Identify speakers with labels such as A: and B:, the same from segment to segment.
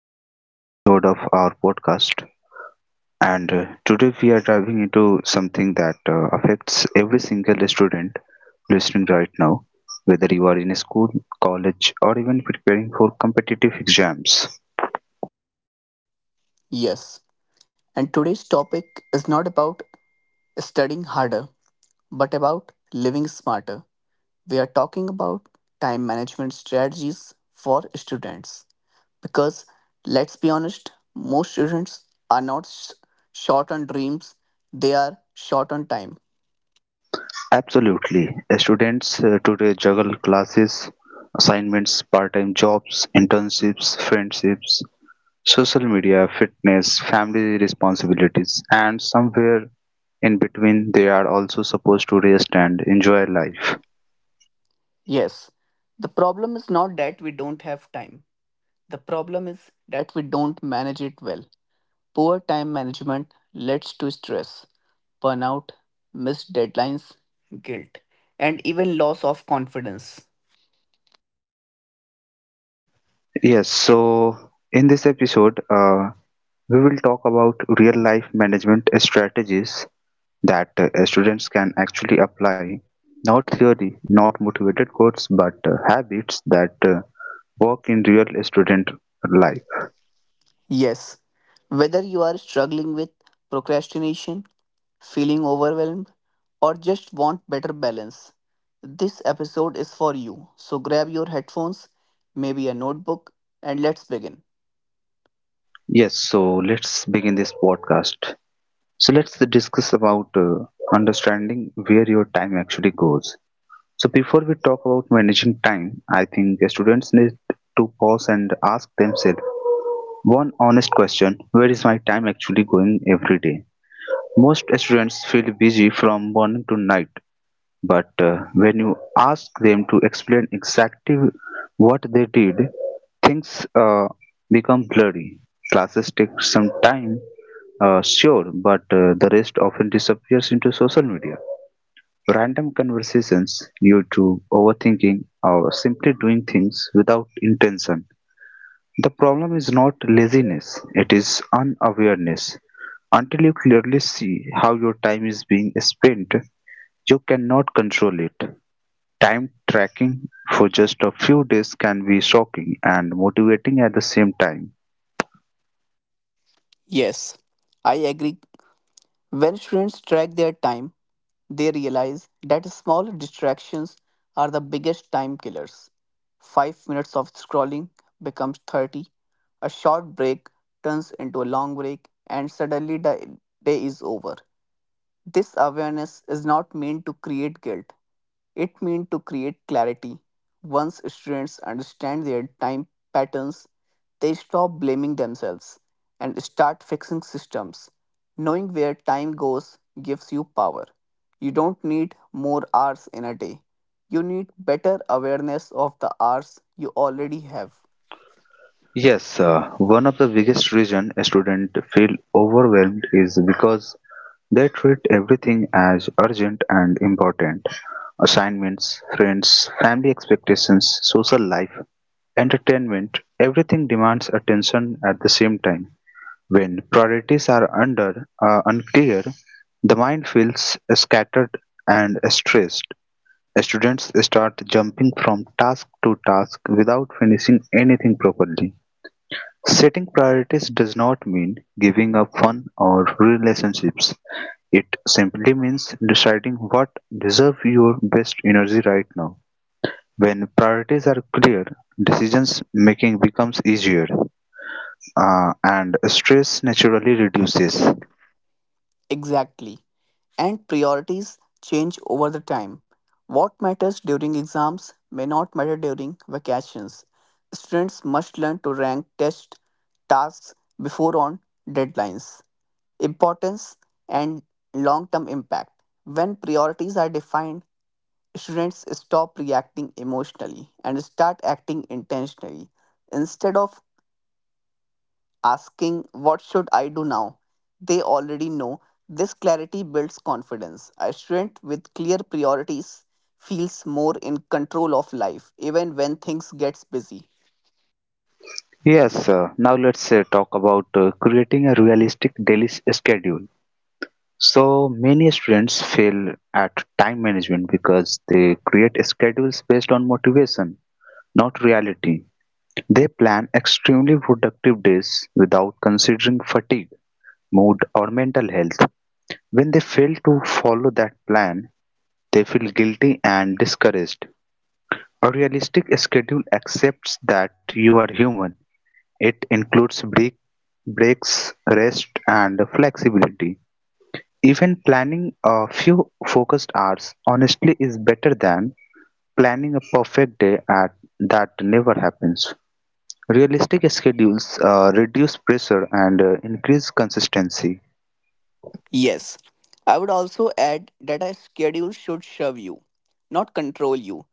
A: another episode of our podcast. And Today we are diving into something that affects every single student listening right now, whether you are in a school, college, or even preparing for competitive exams.
B: Yes, and today's topic is not about studying harder, but about living smarter. We are talking about time management strategies for students. Because let's be honest, most students are not short on dreams, they are short on time.
A: Absolutely. Students today juggle classes, assignments, part time jobs, internships, friendships, social media, fitness, family responsibilities, and somewhere in between, they are also supposed to rest and enjoy life.
B: Yes, the problem is not that we don't have time, the problem is that we don't manage it well. Poor time management leads to stress, burnout, missed deadlines, guilt, and even loss of confidence.
A: Yes, so in this episode, we will talk about real life management strategies that students can actually apply, not theory, not motivated quotes, but habits that work in real student life.
B: Yes, whether you are struggling with procrastination, feeling overwhelmed, or just want better balance, this episode is for you. So grab your headphones, maybe a notebook, and let's begin.
A: Yes, so let's begin this podcast. So let's discuss about understanding where your time actually goes. So before we talk about managing time, I think students need to pause and ask themselves one honest question: where is my time actually going every day? Most students feel busy from morning to night, but when you ask them to explain exactly what they did, things become blurry. Classes take some time, sure, but the rest often disappears into social media. Random conversations, YouTube, overthinking, or simply doing things without intention. The problem is not laziness, it is unawareness. Until you clearly see how your time is being spent, you cannot control it. Time tracking for just a few days can be shocking and motivating at the same time.
B: Yes, I agree. When students track their time, they realize that small distractions are the biggest time killers. 5 minutes of scrolling becomes 30, a short break turns into a long break, and suddenly the day is over. This awareness is not meant to create guilt, it meant to create clarity. Once students understand their time patterns, they stop blaming themselves and start fixing systems. Knowing where time goes gives you power. You don't need more hours in a day. You need better awareness of the hours you already have.
A: Yes, one of the biggest reason a student feel overwhelmed is because they treat everything as urgent and important. Assignments, friends, family expectations, social life, entertainment, everything demands attention at the same time. When priorities are under unclear, the mind feels scattered and stressed. Students start jumping from task to task without finishing anything properly. Setting priorities does not mean giving up fun or relationships. It simply means deciding what deserve your best energy right now. When priorities are clear, decisions making becomes easier and stress naturally reduces.
B: Exactly. And priorities change over the time. What matters during exams may not matter during vacations. Students must learn to rank test tasks before on deadlines. Importance and long term impact. When priorities are defined, students stop reacting emotionally and start acting intentionally. Instead of asking, "What should I do now?" They already know. This clarity builds confidence. A student with clear priorities feels more in control of life, even when things gets busy.
A: Yes, now let's talk about creating a realistic daily schedule. So many students fail at time management because they create schedules based on motivation, not reality. They plan extremely productive days without considering fatigue, mood, or mental health. When they fail to follow that plan, they feel guilty and discouraged. A realistic schedule accepts that you are human. It includes breaks, rest, and flexibility. Even planning a few focused hours honestly is better than planning a perfect day at that never happens. Realistic schedules reduce pressure and increase consistency.
B: Yes, I would also add that a schedule should serve you, not control you.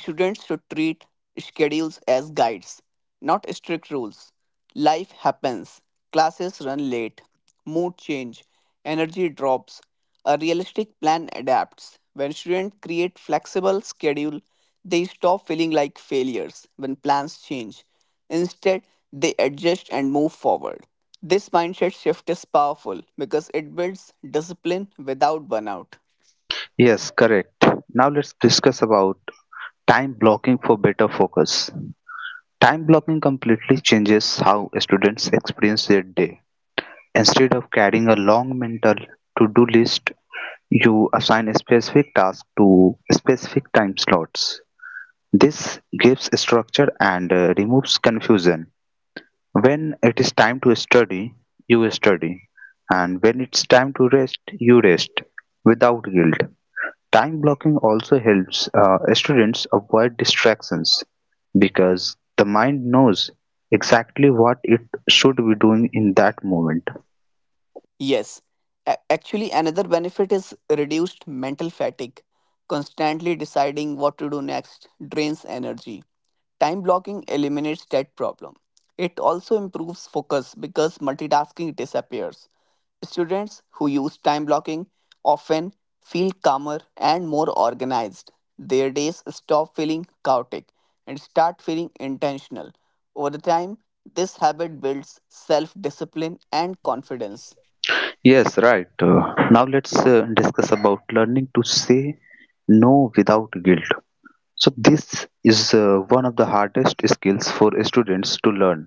B: Students should treat schedules as guides, not strict rules. Life happens, classes run late, mood change, energy drops. A realistic plan adapts. When students create flexible schedule, they stop feeling like failures when plans change. Instead, they adjust and move forward. This mindset shift is powerful because it builds discipline without burnout.
A: Yes, correct. Now let's discuss about time blocking for better focus. Time blocking completely changes how students experience their day. Instead of carrying a long mental to-do list, you assign a specific task to specific time slots. This gives structure and removes confusion. When it is time to study, you study, and when it's time to rest, you rest without guilt. Time blocking also helps students avoid distractions because the mind knows exactly what it should be doing in that moment.
B: Yes, actually, another benefit is reduced mental fatigue. Constantly deciding what to do next drains energy. Time blocking eliminates that problem. It also improves focus because multitasking disappears. Students who use time blocking often feel calmer and more organized. Their days stop feeling chaotic and start feeling intentional. Over the time, this habit builds self discipline and confidence.
A: Yes, right. Now let's discuss about learning to say no without guilt. So this is one of the hardest skills for students to learn.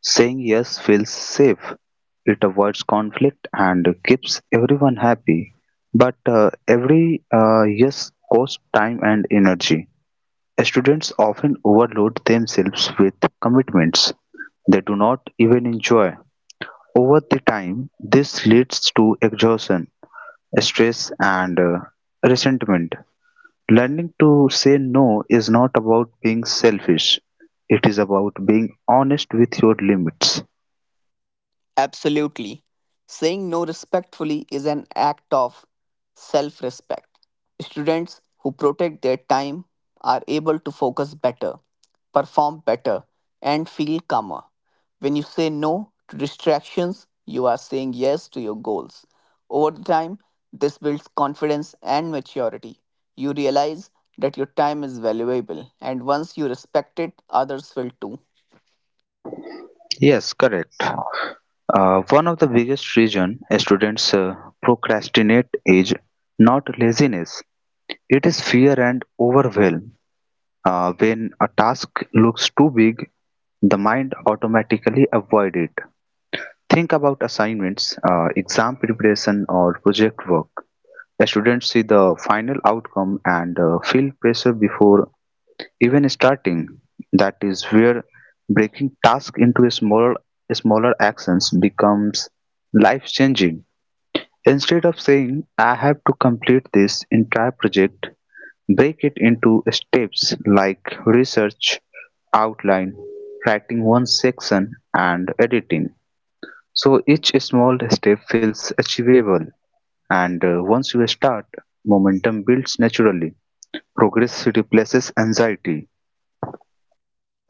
A: Saying yes feels safe. It avoids conflict and keeps everyone happy. But every yes costs time and energy. Students often overload themselves with commitments they do not even enjoy. Over the time, this leads to exhaustion, stress, and resentment. Learning to say no is not about being selfish. It is about being honest with your limits.
B: Absolutely. Saying no respectfully is an act of self respect. Students who protect their time are able to focus better, perform better, and feel calmer. When you say no to distractions, you are saying yes to your goals. Over the time, this builds confidence and maturity. You realize that your time is valuable, and once you respect it, others will too.
A: Yes, correct. One of the biggest reason students procrastinate is not laziness. It is fear and overwhelm. When a task looks too big, the mind automatically avoid it. Think about assignments, exam preparation, or project work. Students see the final outcome and feel pressure before even starting. That is where breaking tasks into smaller actions becomes life-changing. Instead of saying I have to complete this entire project, break it into steps like research, outline, writing one section, and editing. So each small step feels achievable, and once you start, momentum builds naturally. Progress replaces anxiety.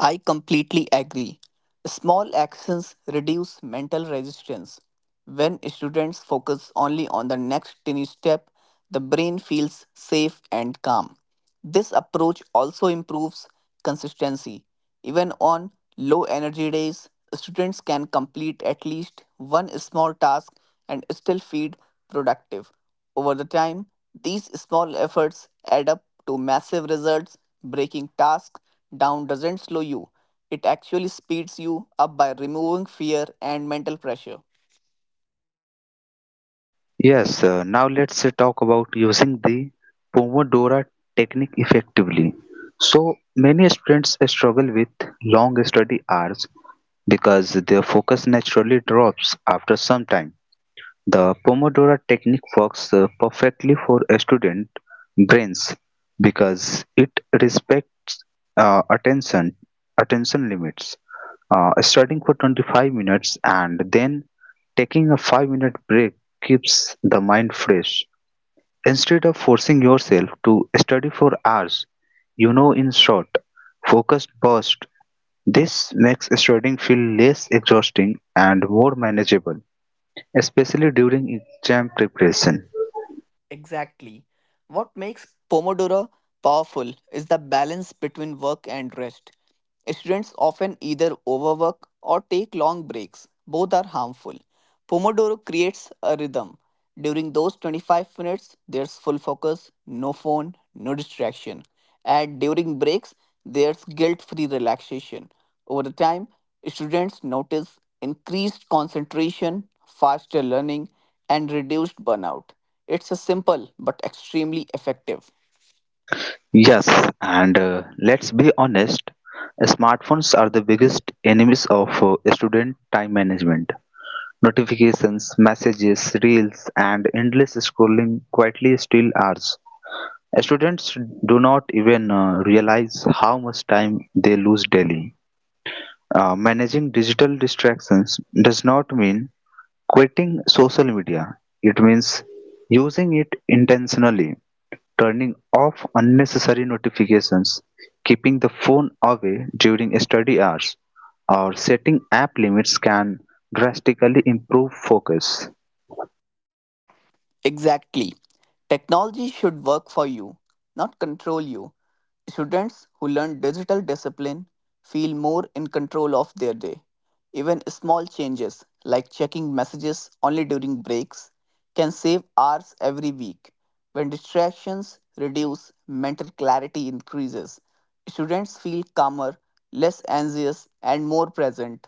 B: I completely agree. Small actions reduce mental resistance. When students focus only on the next tiny step, the brain feels safe and calm. This approach also improves consistency. Even on low energy days, students can complete at least one small task and still feel productive. Over the time, these small efforts add up to massive results. Breaking tasks down doesn't slow you, it actually speeds you up by removing fear and mental pressure.
A: Yes, now let's talk about using the Pomodoro technique effectively. So, many students struggle with long study hours because their focus naturally drops after some time. The Pomodoro technique works perfectly for student brains because it respects uh, attention attention limits, starting for 25 minutes and then taking a 5-minute break keeps the mind fresh. Instead of forcing yourself to study for hours, you know in short, focused burst. This makes studying feel less exhausting and more manageable, especially during exam preparation.
B: Exactly. What makes Pomodoro powerful is the balance between work and rest. Students often either overwork or take long breaks. Both are harmful. Pomodoro creates a rhythm. During those 25 minutes, there's full focus, no phone, no distraction. And during breaks, there's guilt free relaxation. Over the time, students notice increased concentration, faster learning, and reduced burnout. It's a simple but extremely effective.
A: Yes, and let's be honest, smartphones are the biggest enemies of student time management. Notifications, messages, reels, and endless scrolling quietly steal hours. Students do not even realize how much time they lose daily. Managing digital distractions does not mean quitting social media, it means using it intentionally. Turning off unnecessary notifications, keeping the phone away during study hours, or setting app limits can drastically improve focus.
B: Exactly. Technology should work for you, not control you. Students who learn digital discipline feel more in control of their day. Even small changes, like checking messages only during breaks, can save hours every week. When distractions reduce, mental clarity increases. Students feel calmer, less anxious, and more present.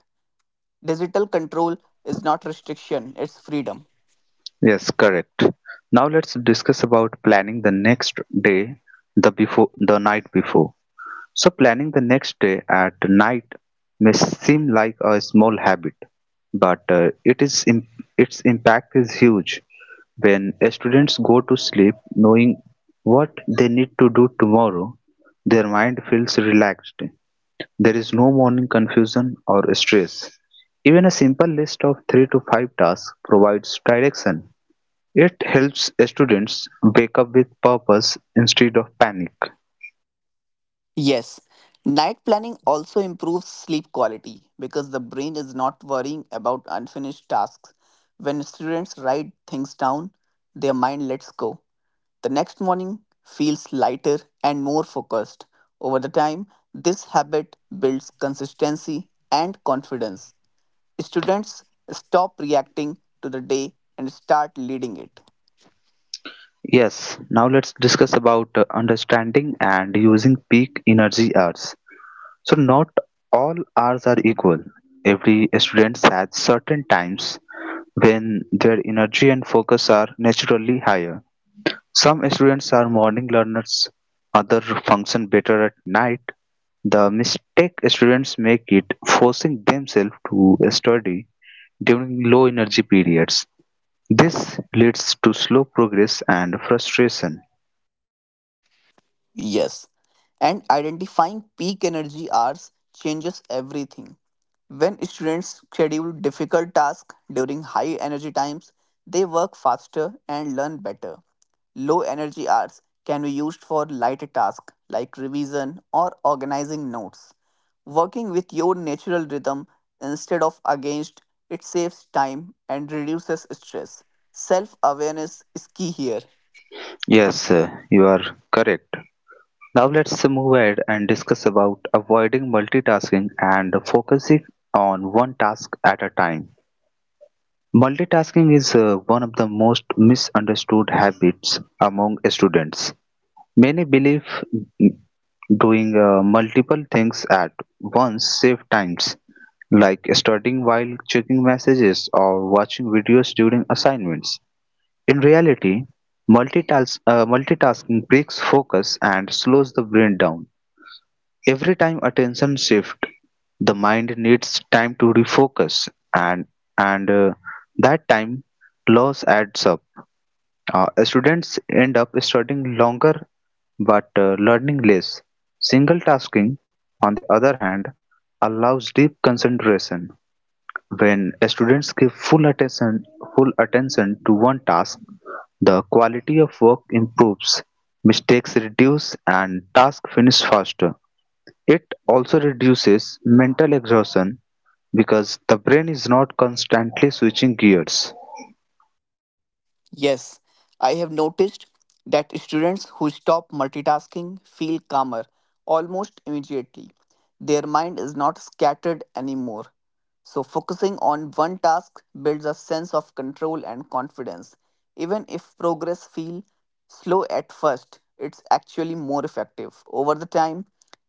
B: Digital control is not restriction, it's freedom.
A: Yes, correct. Now let's discuss about planning the next day, the before the night before. So planning the next day at night may seem like a small habit, but its impact is huge. When students go to sleep knowing what they need to do tomorrow, their mind feels relaxed. There is no morning confusion or stress. Even a simple list of 3 to 5 tasks provides direction. It helps students wake up with purpose instead of panic.
B: Yes, night planning also improves sleep quality because the brain is not worrying about unfinished tasks. When students write things down, their mind lets go. The next morning feels lighter and more focused. Over the time, this habit builds consistency and confidence. Students stop reacting to the day and start leading it.
A: Yes, now let's discuss about understanding and using peak energy hours. So not all hours are equal. Every student has certain times when their energy and focus are naturally higher. Some students are morning learners, others function better at night. The mistake students make it forcing themselves to study during low energy periods. This leads to slow progress and frustration.
B: Yes, and identifying peak energy hours changes everything. When students schedule difficult tasks during high energy times, they work faster and learn better. Low energy hours can be used for lighter tasks like revision or organizing notes. Working with your natural rhythm instead of against it saves time and reduces stress. Self awareness is key here.
A: Yes, you are correct. Now let's move ahead and discuss about avoiding multitasking and focusing on one task at a time. Multitasking is one of the most misunderstood habits among students. Many believe doing multiple things at once save times, like studying while checking messages or watching videos during assignments. In reality, multitasking breaks focus and slows the brain down. Every time attention shifts, the mind needs time to refocus, and and that time loss adds up. Students end up studying longer but learning less. Single tasking, on the other hand, allows deep concentration. When students give full attention to one task, the quality of work improves, mistakes reduce, and task finish faster. It also reduces mental exhaustion because the brain is not constantly switching gears.
B: Yes, I have noticed that students who stop multitasking feel calmer almost immediately. Their mind is not scattered anymore. So, focusing on one task builds a sense of control and confidence. Even if progress feels slow at first, it's actually more effective. Over the time,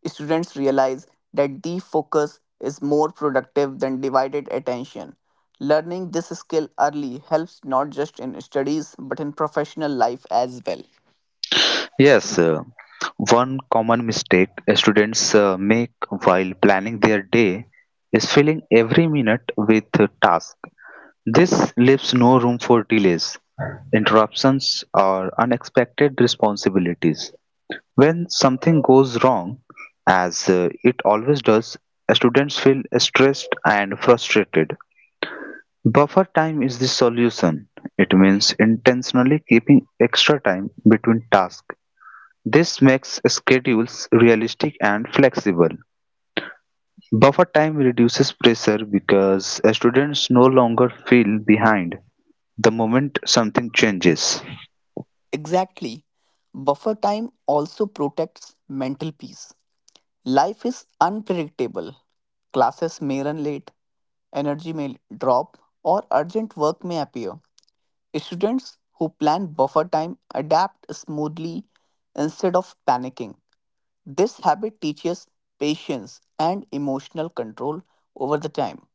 B: students realize that deep focus is more productive than divided attention. Learning this skill early helps not just in studies but in professional life as well.
A: Yes, one common mistake students make while planning their day is filling every minute with tasks. This leaves no room for delays, interruptions, or unexpected responsibilities. When something goes wrong, as it always does, students feel stressed and frustrated. Buffer time is the solution. It means intentionally keeping extra time between tasks. This makes schedules realistic and flexible. Buffer time reduces pressure because students no longer feel behind the moment something changes.
B: Exactly. Buffer time also protects mental peace. Life is unpredictable. Classes may run late, energy may drop, or urgent work may appear. Students who plan buffer time adapt smoothly instead of panicking. This habit teaches patience and emotional control over the time.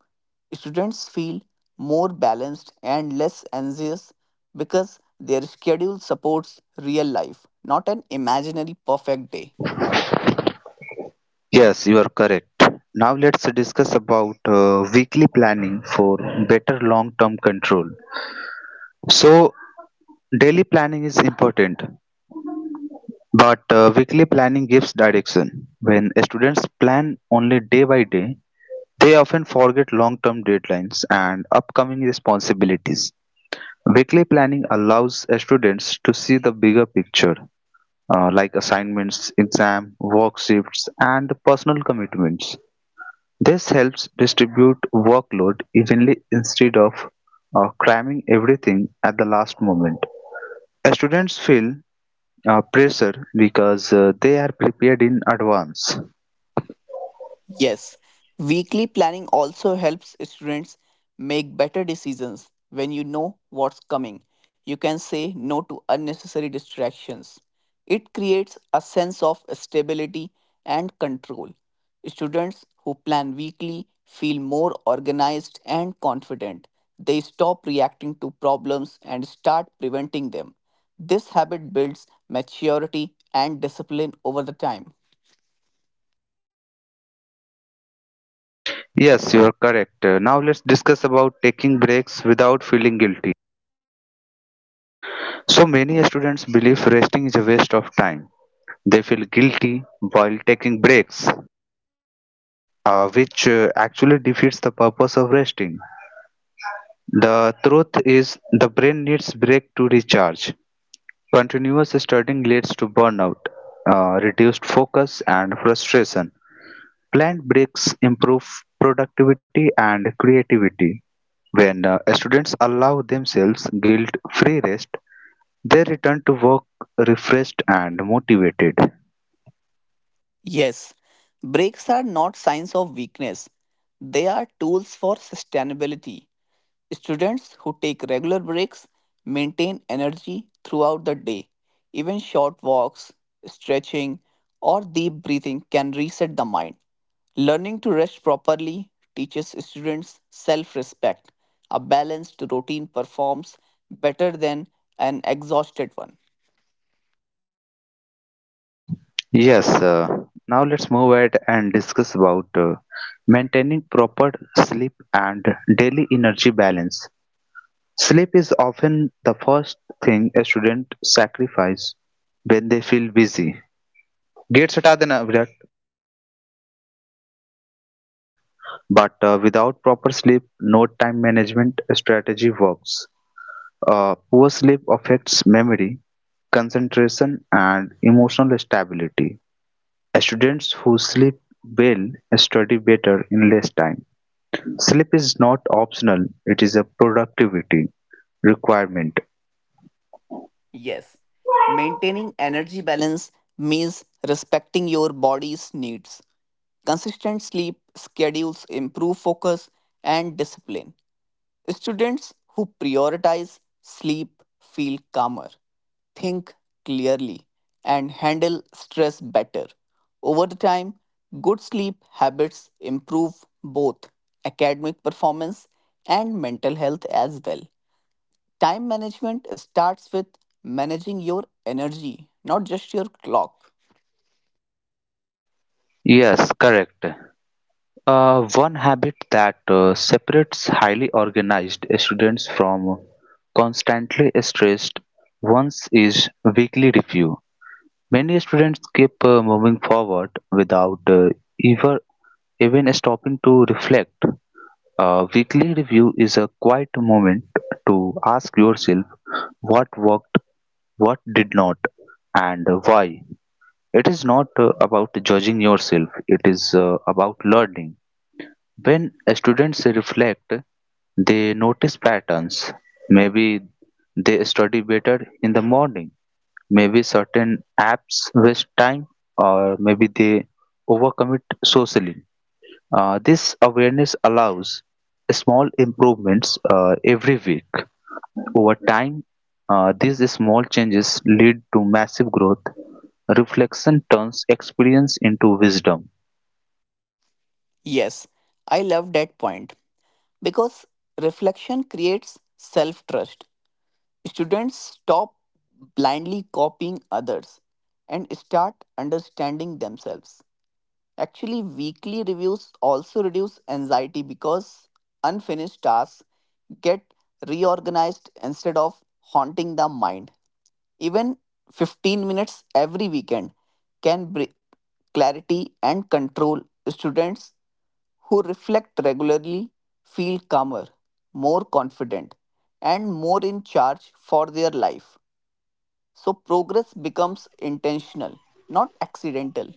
B: Students feel more balanced and less anxious because their schedule supports real life, not an imaginary perfect day.
A: Yes, you are correct. Now let's discuss about weekly planning for better long-term control. So daily planning is important, but weekly planning gives direction. When students plan only day by day, they often forget long-term deadlines and upcoming responsibilities. Weekly planning allows students to see the bigger picture, like assignments, exam, work shifts, and personal commitments. This helps distribute workload evenly instead of cramming everything at the last moment. Students feel pressure because they are prepared in advance.
B: Yes, weekly planning also helps students make better decisions when you know what's coming. You can say no to unnecessary distractions. It creates a sense of stability and control. Students who plan weekly feel more organized and confident. They stop reacting to problems and start preventing them. This habit builds maturity and discipline over the time.
A: Yes, you are correct. Now let's discuss about taking breaks without feeling guilty. So many students believe resting is a waste of time. They feel guilty while taking breaks, which actually defeats the purpose of resting. The truth is the brain needs break to recharge. Continuous studying leads to burnout, reduced focus, and frustration. Planned breaks improve productivity and creativity. When students allow themselves guilt free rest, they return to work refreshed and motivated.
B: Yes, breaks are not signs of weakness. They are tools for sustainability. Students who take regular breaks maintain energy throughout the day. Even short walks, stretching, or deep breathing can reset the mind. Learning to rest properly teaches students self respect. A balanced routine performs better than an exhausted one.
A: Yes, now let's move ahead and discuss about maintaining proper sleep and daily energy balance. Sleep is often the first thing a student sacrifice when they feel busy. Gates हटा देना Virat. But without proper sleep, no time management strategy works. Poor sleep affects memory, concentration, and emotional stability. Students who sleep well study better in less time. Sleep is not optional; it is a productivity requirement.
B: Yes. Maintaining energy balance means respecting your body's needs. Consistent sleep schedules improve focus and discipline. Students who prioritize sleep feel calmer, think clearly, and handle stress better. Over the time, good sleep habits improve both academic performance and mental health as well. Time management starts with managing your energy, not just your clock.
A: Yes, correct. One habit that separates highly organized students from constantly stressed ones is weekly review. Many students keep moving forward without ever even stopping to reflect. A weekly review is a quiet moment to ask yourself what worked, what did not, and why. It is not about judging yourself, it is about learning. When students reflect, they notice patterns. Maybe they study better in the morning, maybe certain apps waste time, or maybe they overcommit socially. This awareness allows small improvements every week. Over time, these small changes lead to massive growth. Reflection turns experience into wisdom.
B: Yes, I love that point because reflection creates self trust. Students stop blindly copying others and start understanding themselves. Actually, weekly reviews also reduce anxiety because unfinished tasks get reorganized instead of haunting the mind. Even 15 minutes every weekend can bring clarity and control. Students who reflect regularly feel calmer, more confident, and more in charge for their life. So, progress becomes intentional, not accidental.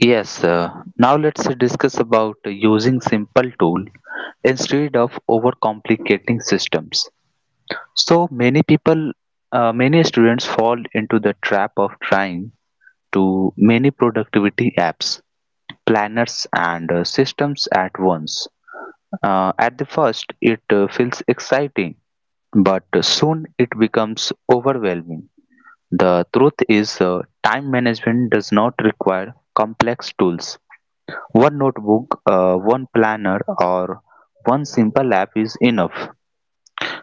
A: Yes, now let's discuss about using simple tool instead of overcomplicating systems. So many students fall into the trap of trying to many productivity apps, planners, and systems at once. At the first, it feels exciting, but soon it becomes overwhelming. The truth is, time management does not require complex tools. One notebook, one planner, or one simple app is enough.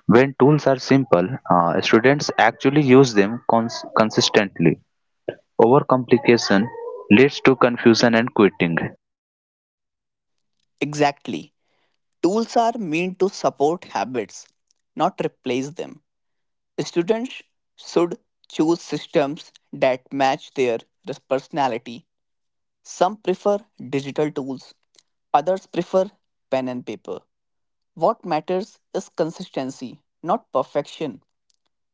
A: When tools are simple, students actually use them consistently. Overcomplication leads to confusion and quitting.
B: Exactly. Tools are meant to support habits, not replace them. Students should choose systems that match their personality. Some prefer digital tools, others prefer pen and paper. What matters is consistency, not perfection.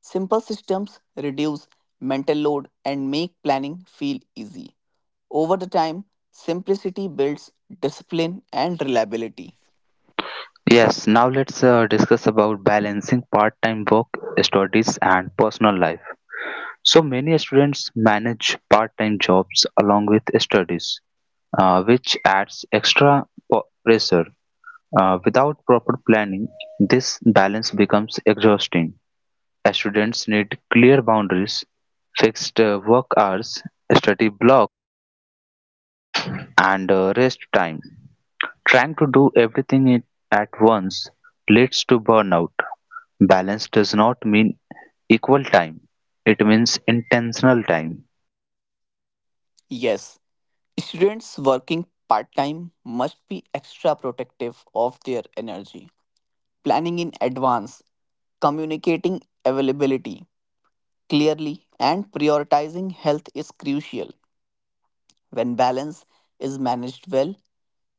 B: Simple systems reduce mental load and make planning feel easy. Over the time, simplicity builds discipline and reliability.
A: Yes, now let's discuss about balancing part-time work, studies, and personal life. So many students manage part-time jobs along with studies, which adds extra pressure. Without proper planning, this balance becomes exhausting. As students need clear boundaries, fixed work hours, study blocks, and rest time. Trying to do everything at once leads to burnout. Balance does not mean equal time, it means intentional time.
B: Yes, students working part time must be extra protective of their energy. Planning in advance, communicating availability, clearly, and prioritizing health is crucial. When balance is managed well,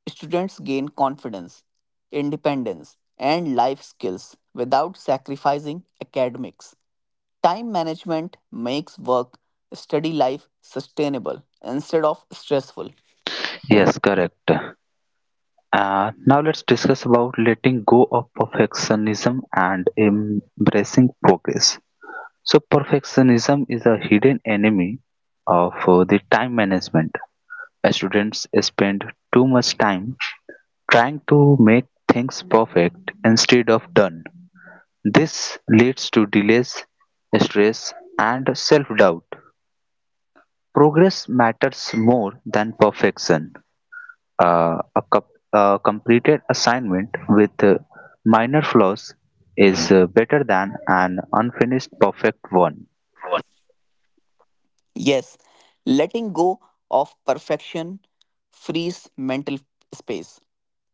B: students gain confidence, independence, and life skills without sacrificing academics. Time management makes work study life sustainable instead of stressful.
A: Yes, correct. Now let's discuss about letting go of perfectionism and embracing progress. So perfectionism is a hidden enemy of the time management. Students spend too much time trying to make things perfect instead of done. This leads to delays, stress, and self-doubt. Progress matters more than perfection. A completed assignment with minor flaws is better than an unfinished perfect one.
B: Yes, letting go of perfection frees mental space.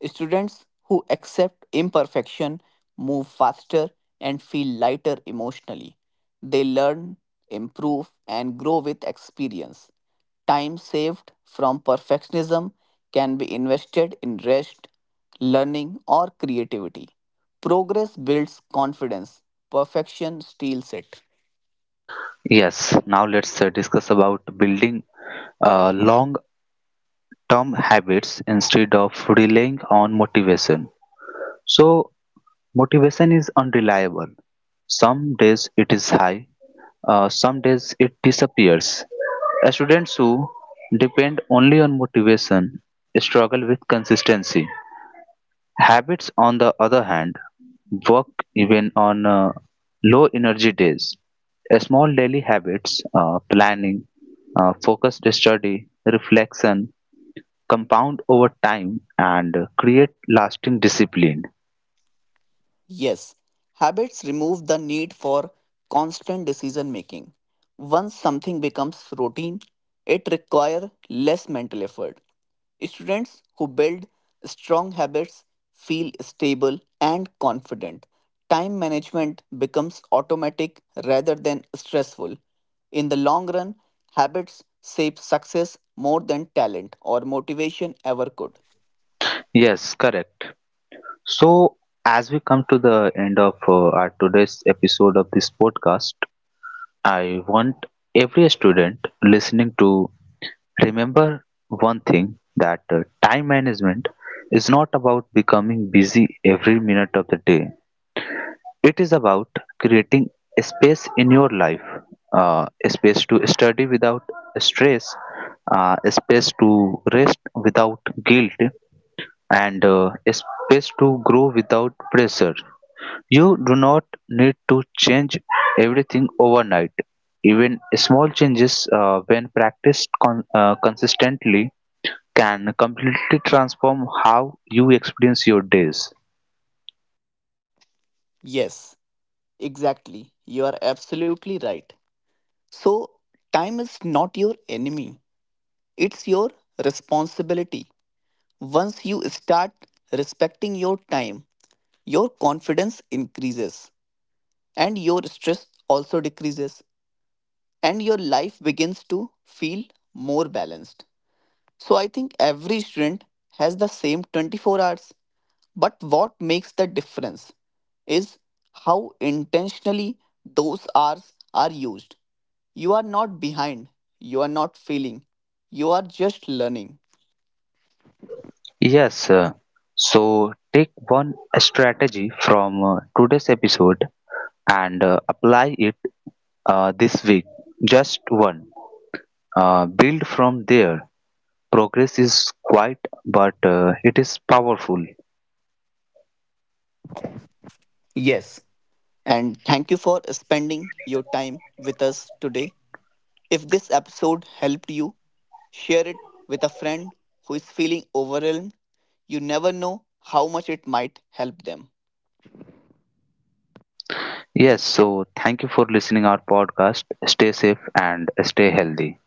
B: Students who accept imperfection move faster and feel lighter emotionally. They learn, improve, and grow with experience. Time saved from perfectionism can be invested in rest, learning, or creativity. Progress builds confidence, perfection steals it.
A: Yes, now let's discuss about building long-term habits instead of relying on motivation. So, motivation is unreliable. Some days it is high, some days it disappears. Students who depend only on motivation struggle with consistency. Habits, on the other hand, work even on low energy days. A small daily habits, planning, focused study, reflection, compound over time and create lasting discipline.
B: Yes, habits remove the need for constant decision making. Once something becomes routine, it requires less mental effort. Students who build strong habits feel stable and confident. Time management becomes automatic rather than stressful. In the long run, habits shape success more than talent or motivation ever could.
A: Yes, correct. So, as we come to the end of our today's episode of this podcast, I want every student listening to remember one thing that time management is not about becoming busy every minute of the day. It is about creating a space in your life, a space to study without stress, a space to rest without guilt, and a space to grow without pressure. You do not need to change everything overnight. Even small changes, when practiced consistently, can completely transform how you experience your days.
B: Yes, exactly. You are absolutely right. So, time is not your enemy, it's your responsibility. Once you start respecting your time, your confidence increases and your stress also decreases, and your life begins to feel more balanced. So, I think every student has the same 24 hours, but what makes the difference is how intentionally those hours are used. You are not behind, you are not failing, you are just learning.
A: Yes, so take one strategy from today's episode and apply it this week. Just one. Build from there. Progress is quiet, but it is powerful.
B: Yes. And thank you for spending your time with us today. If this episode helped you, share it with a friend who is feeling overwhelmed. You never know how much it might help them.
A: Yes, so thank you for listening our podcast. Stay safe and stay healthy.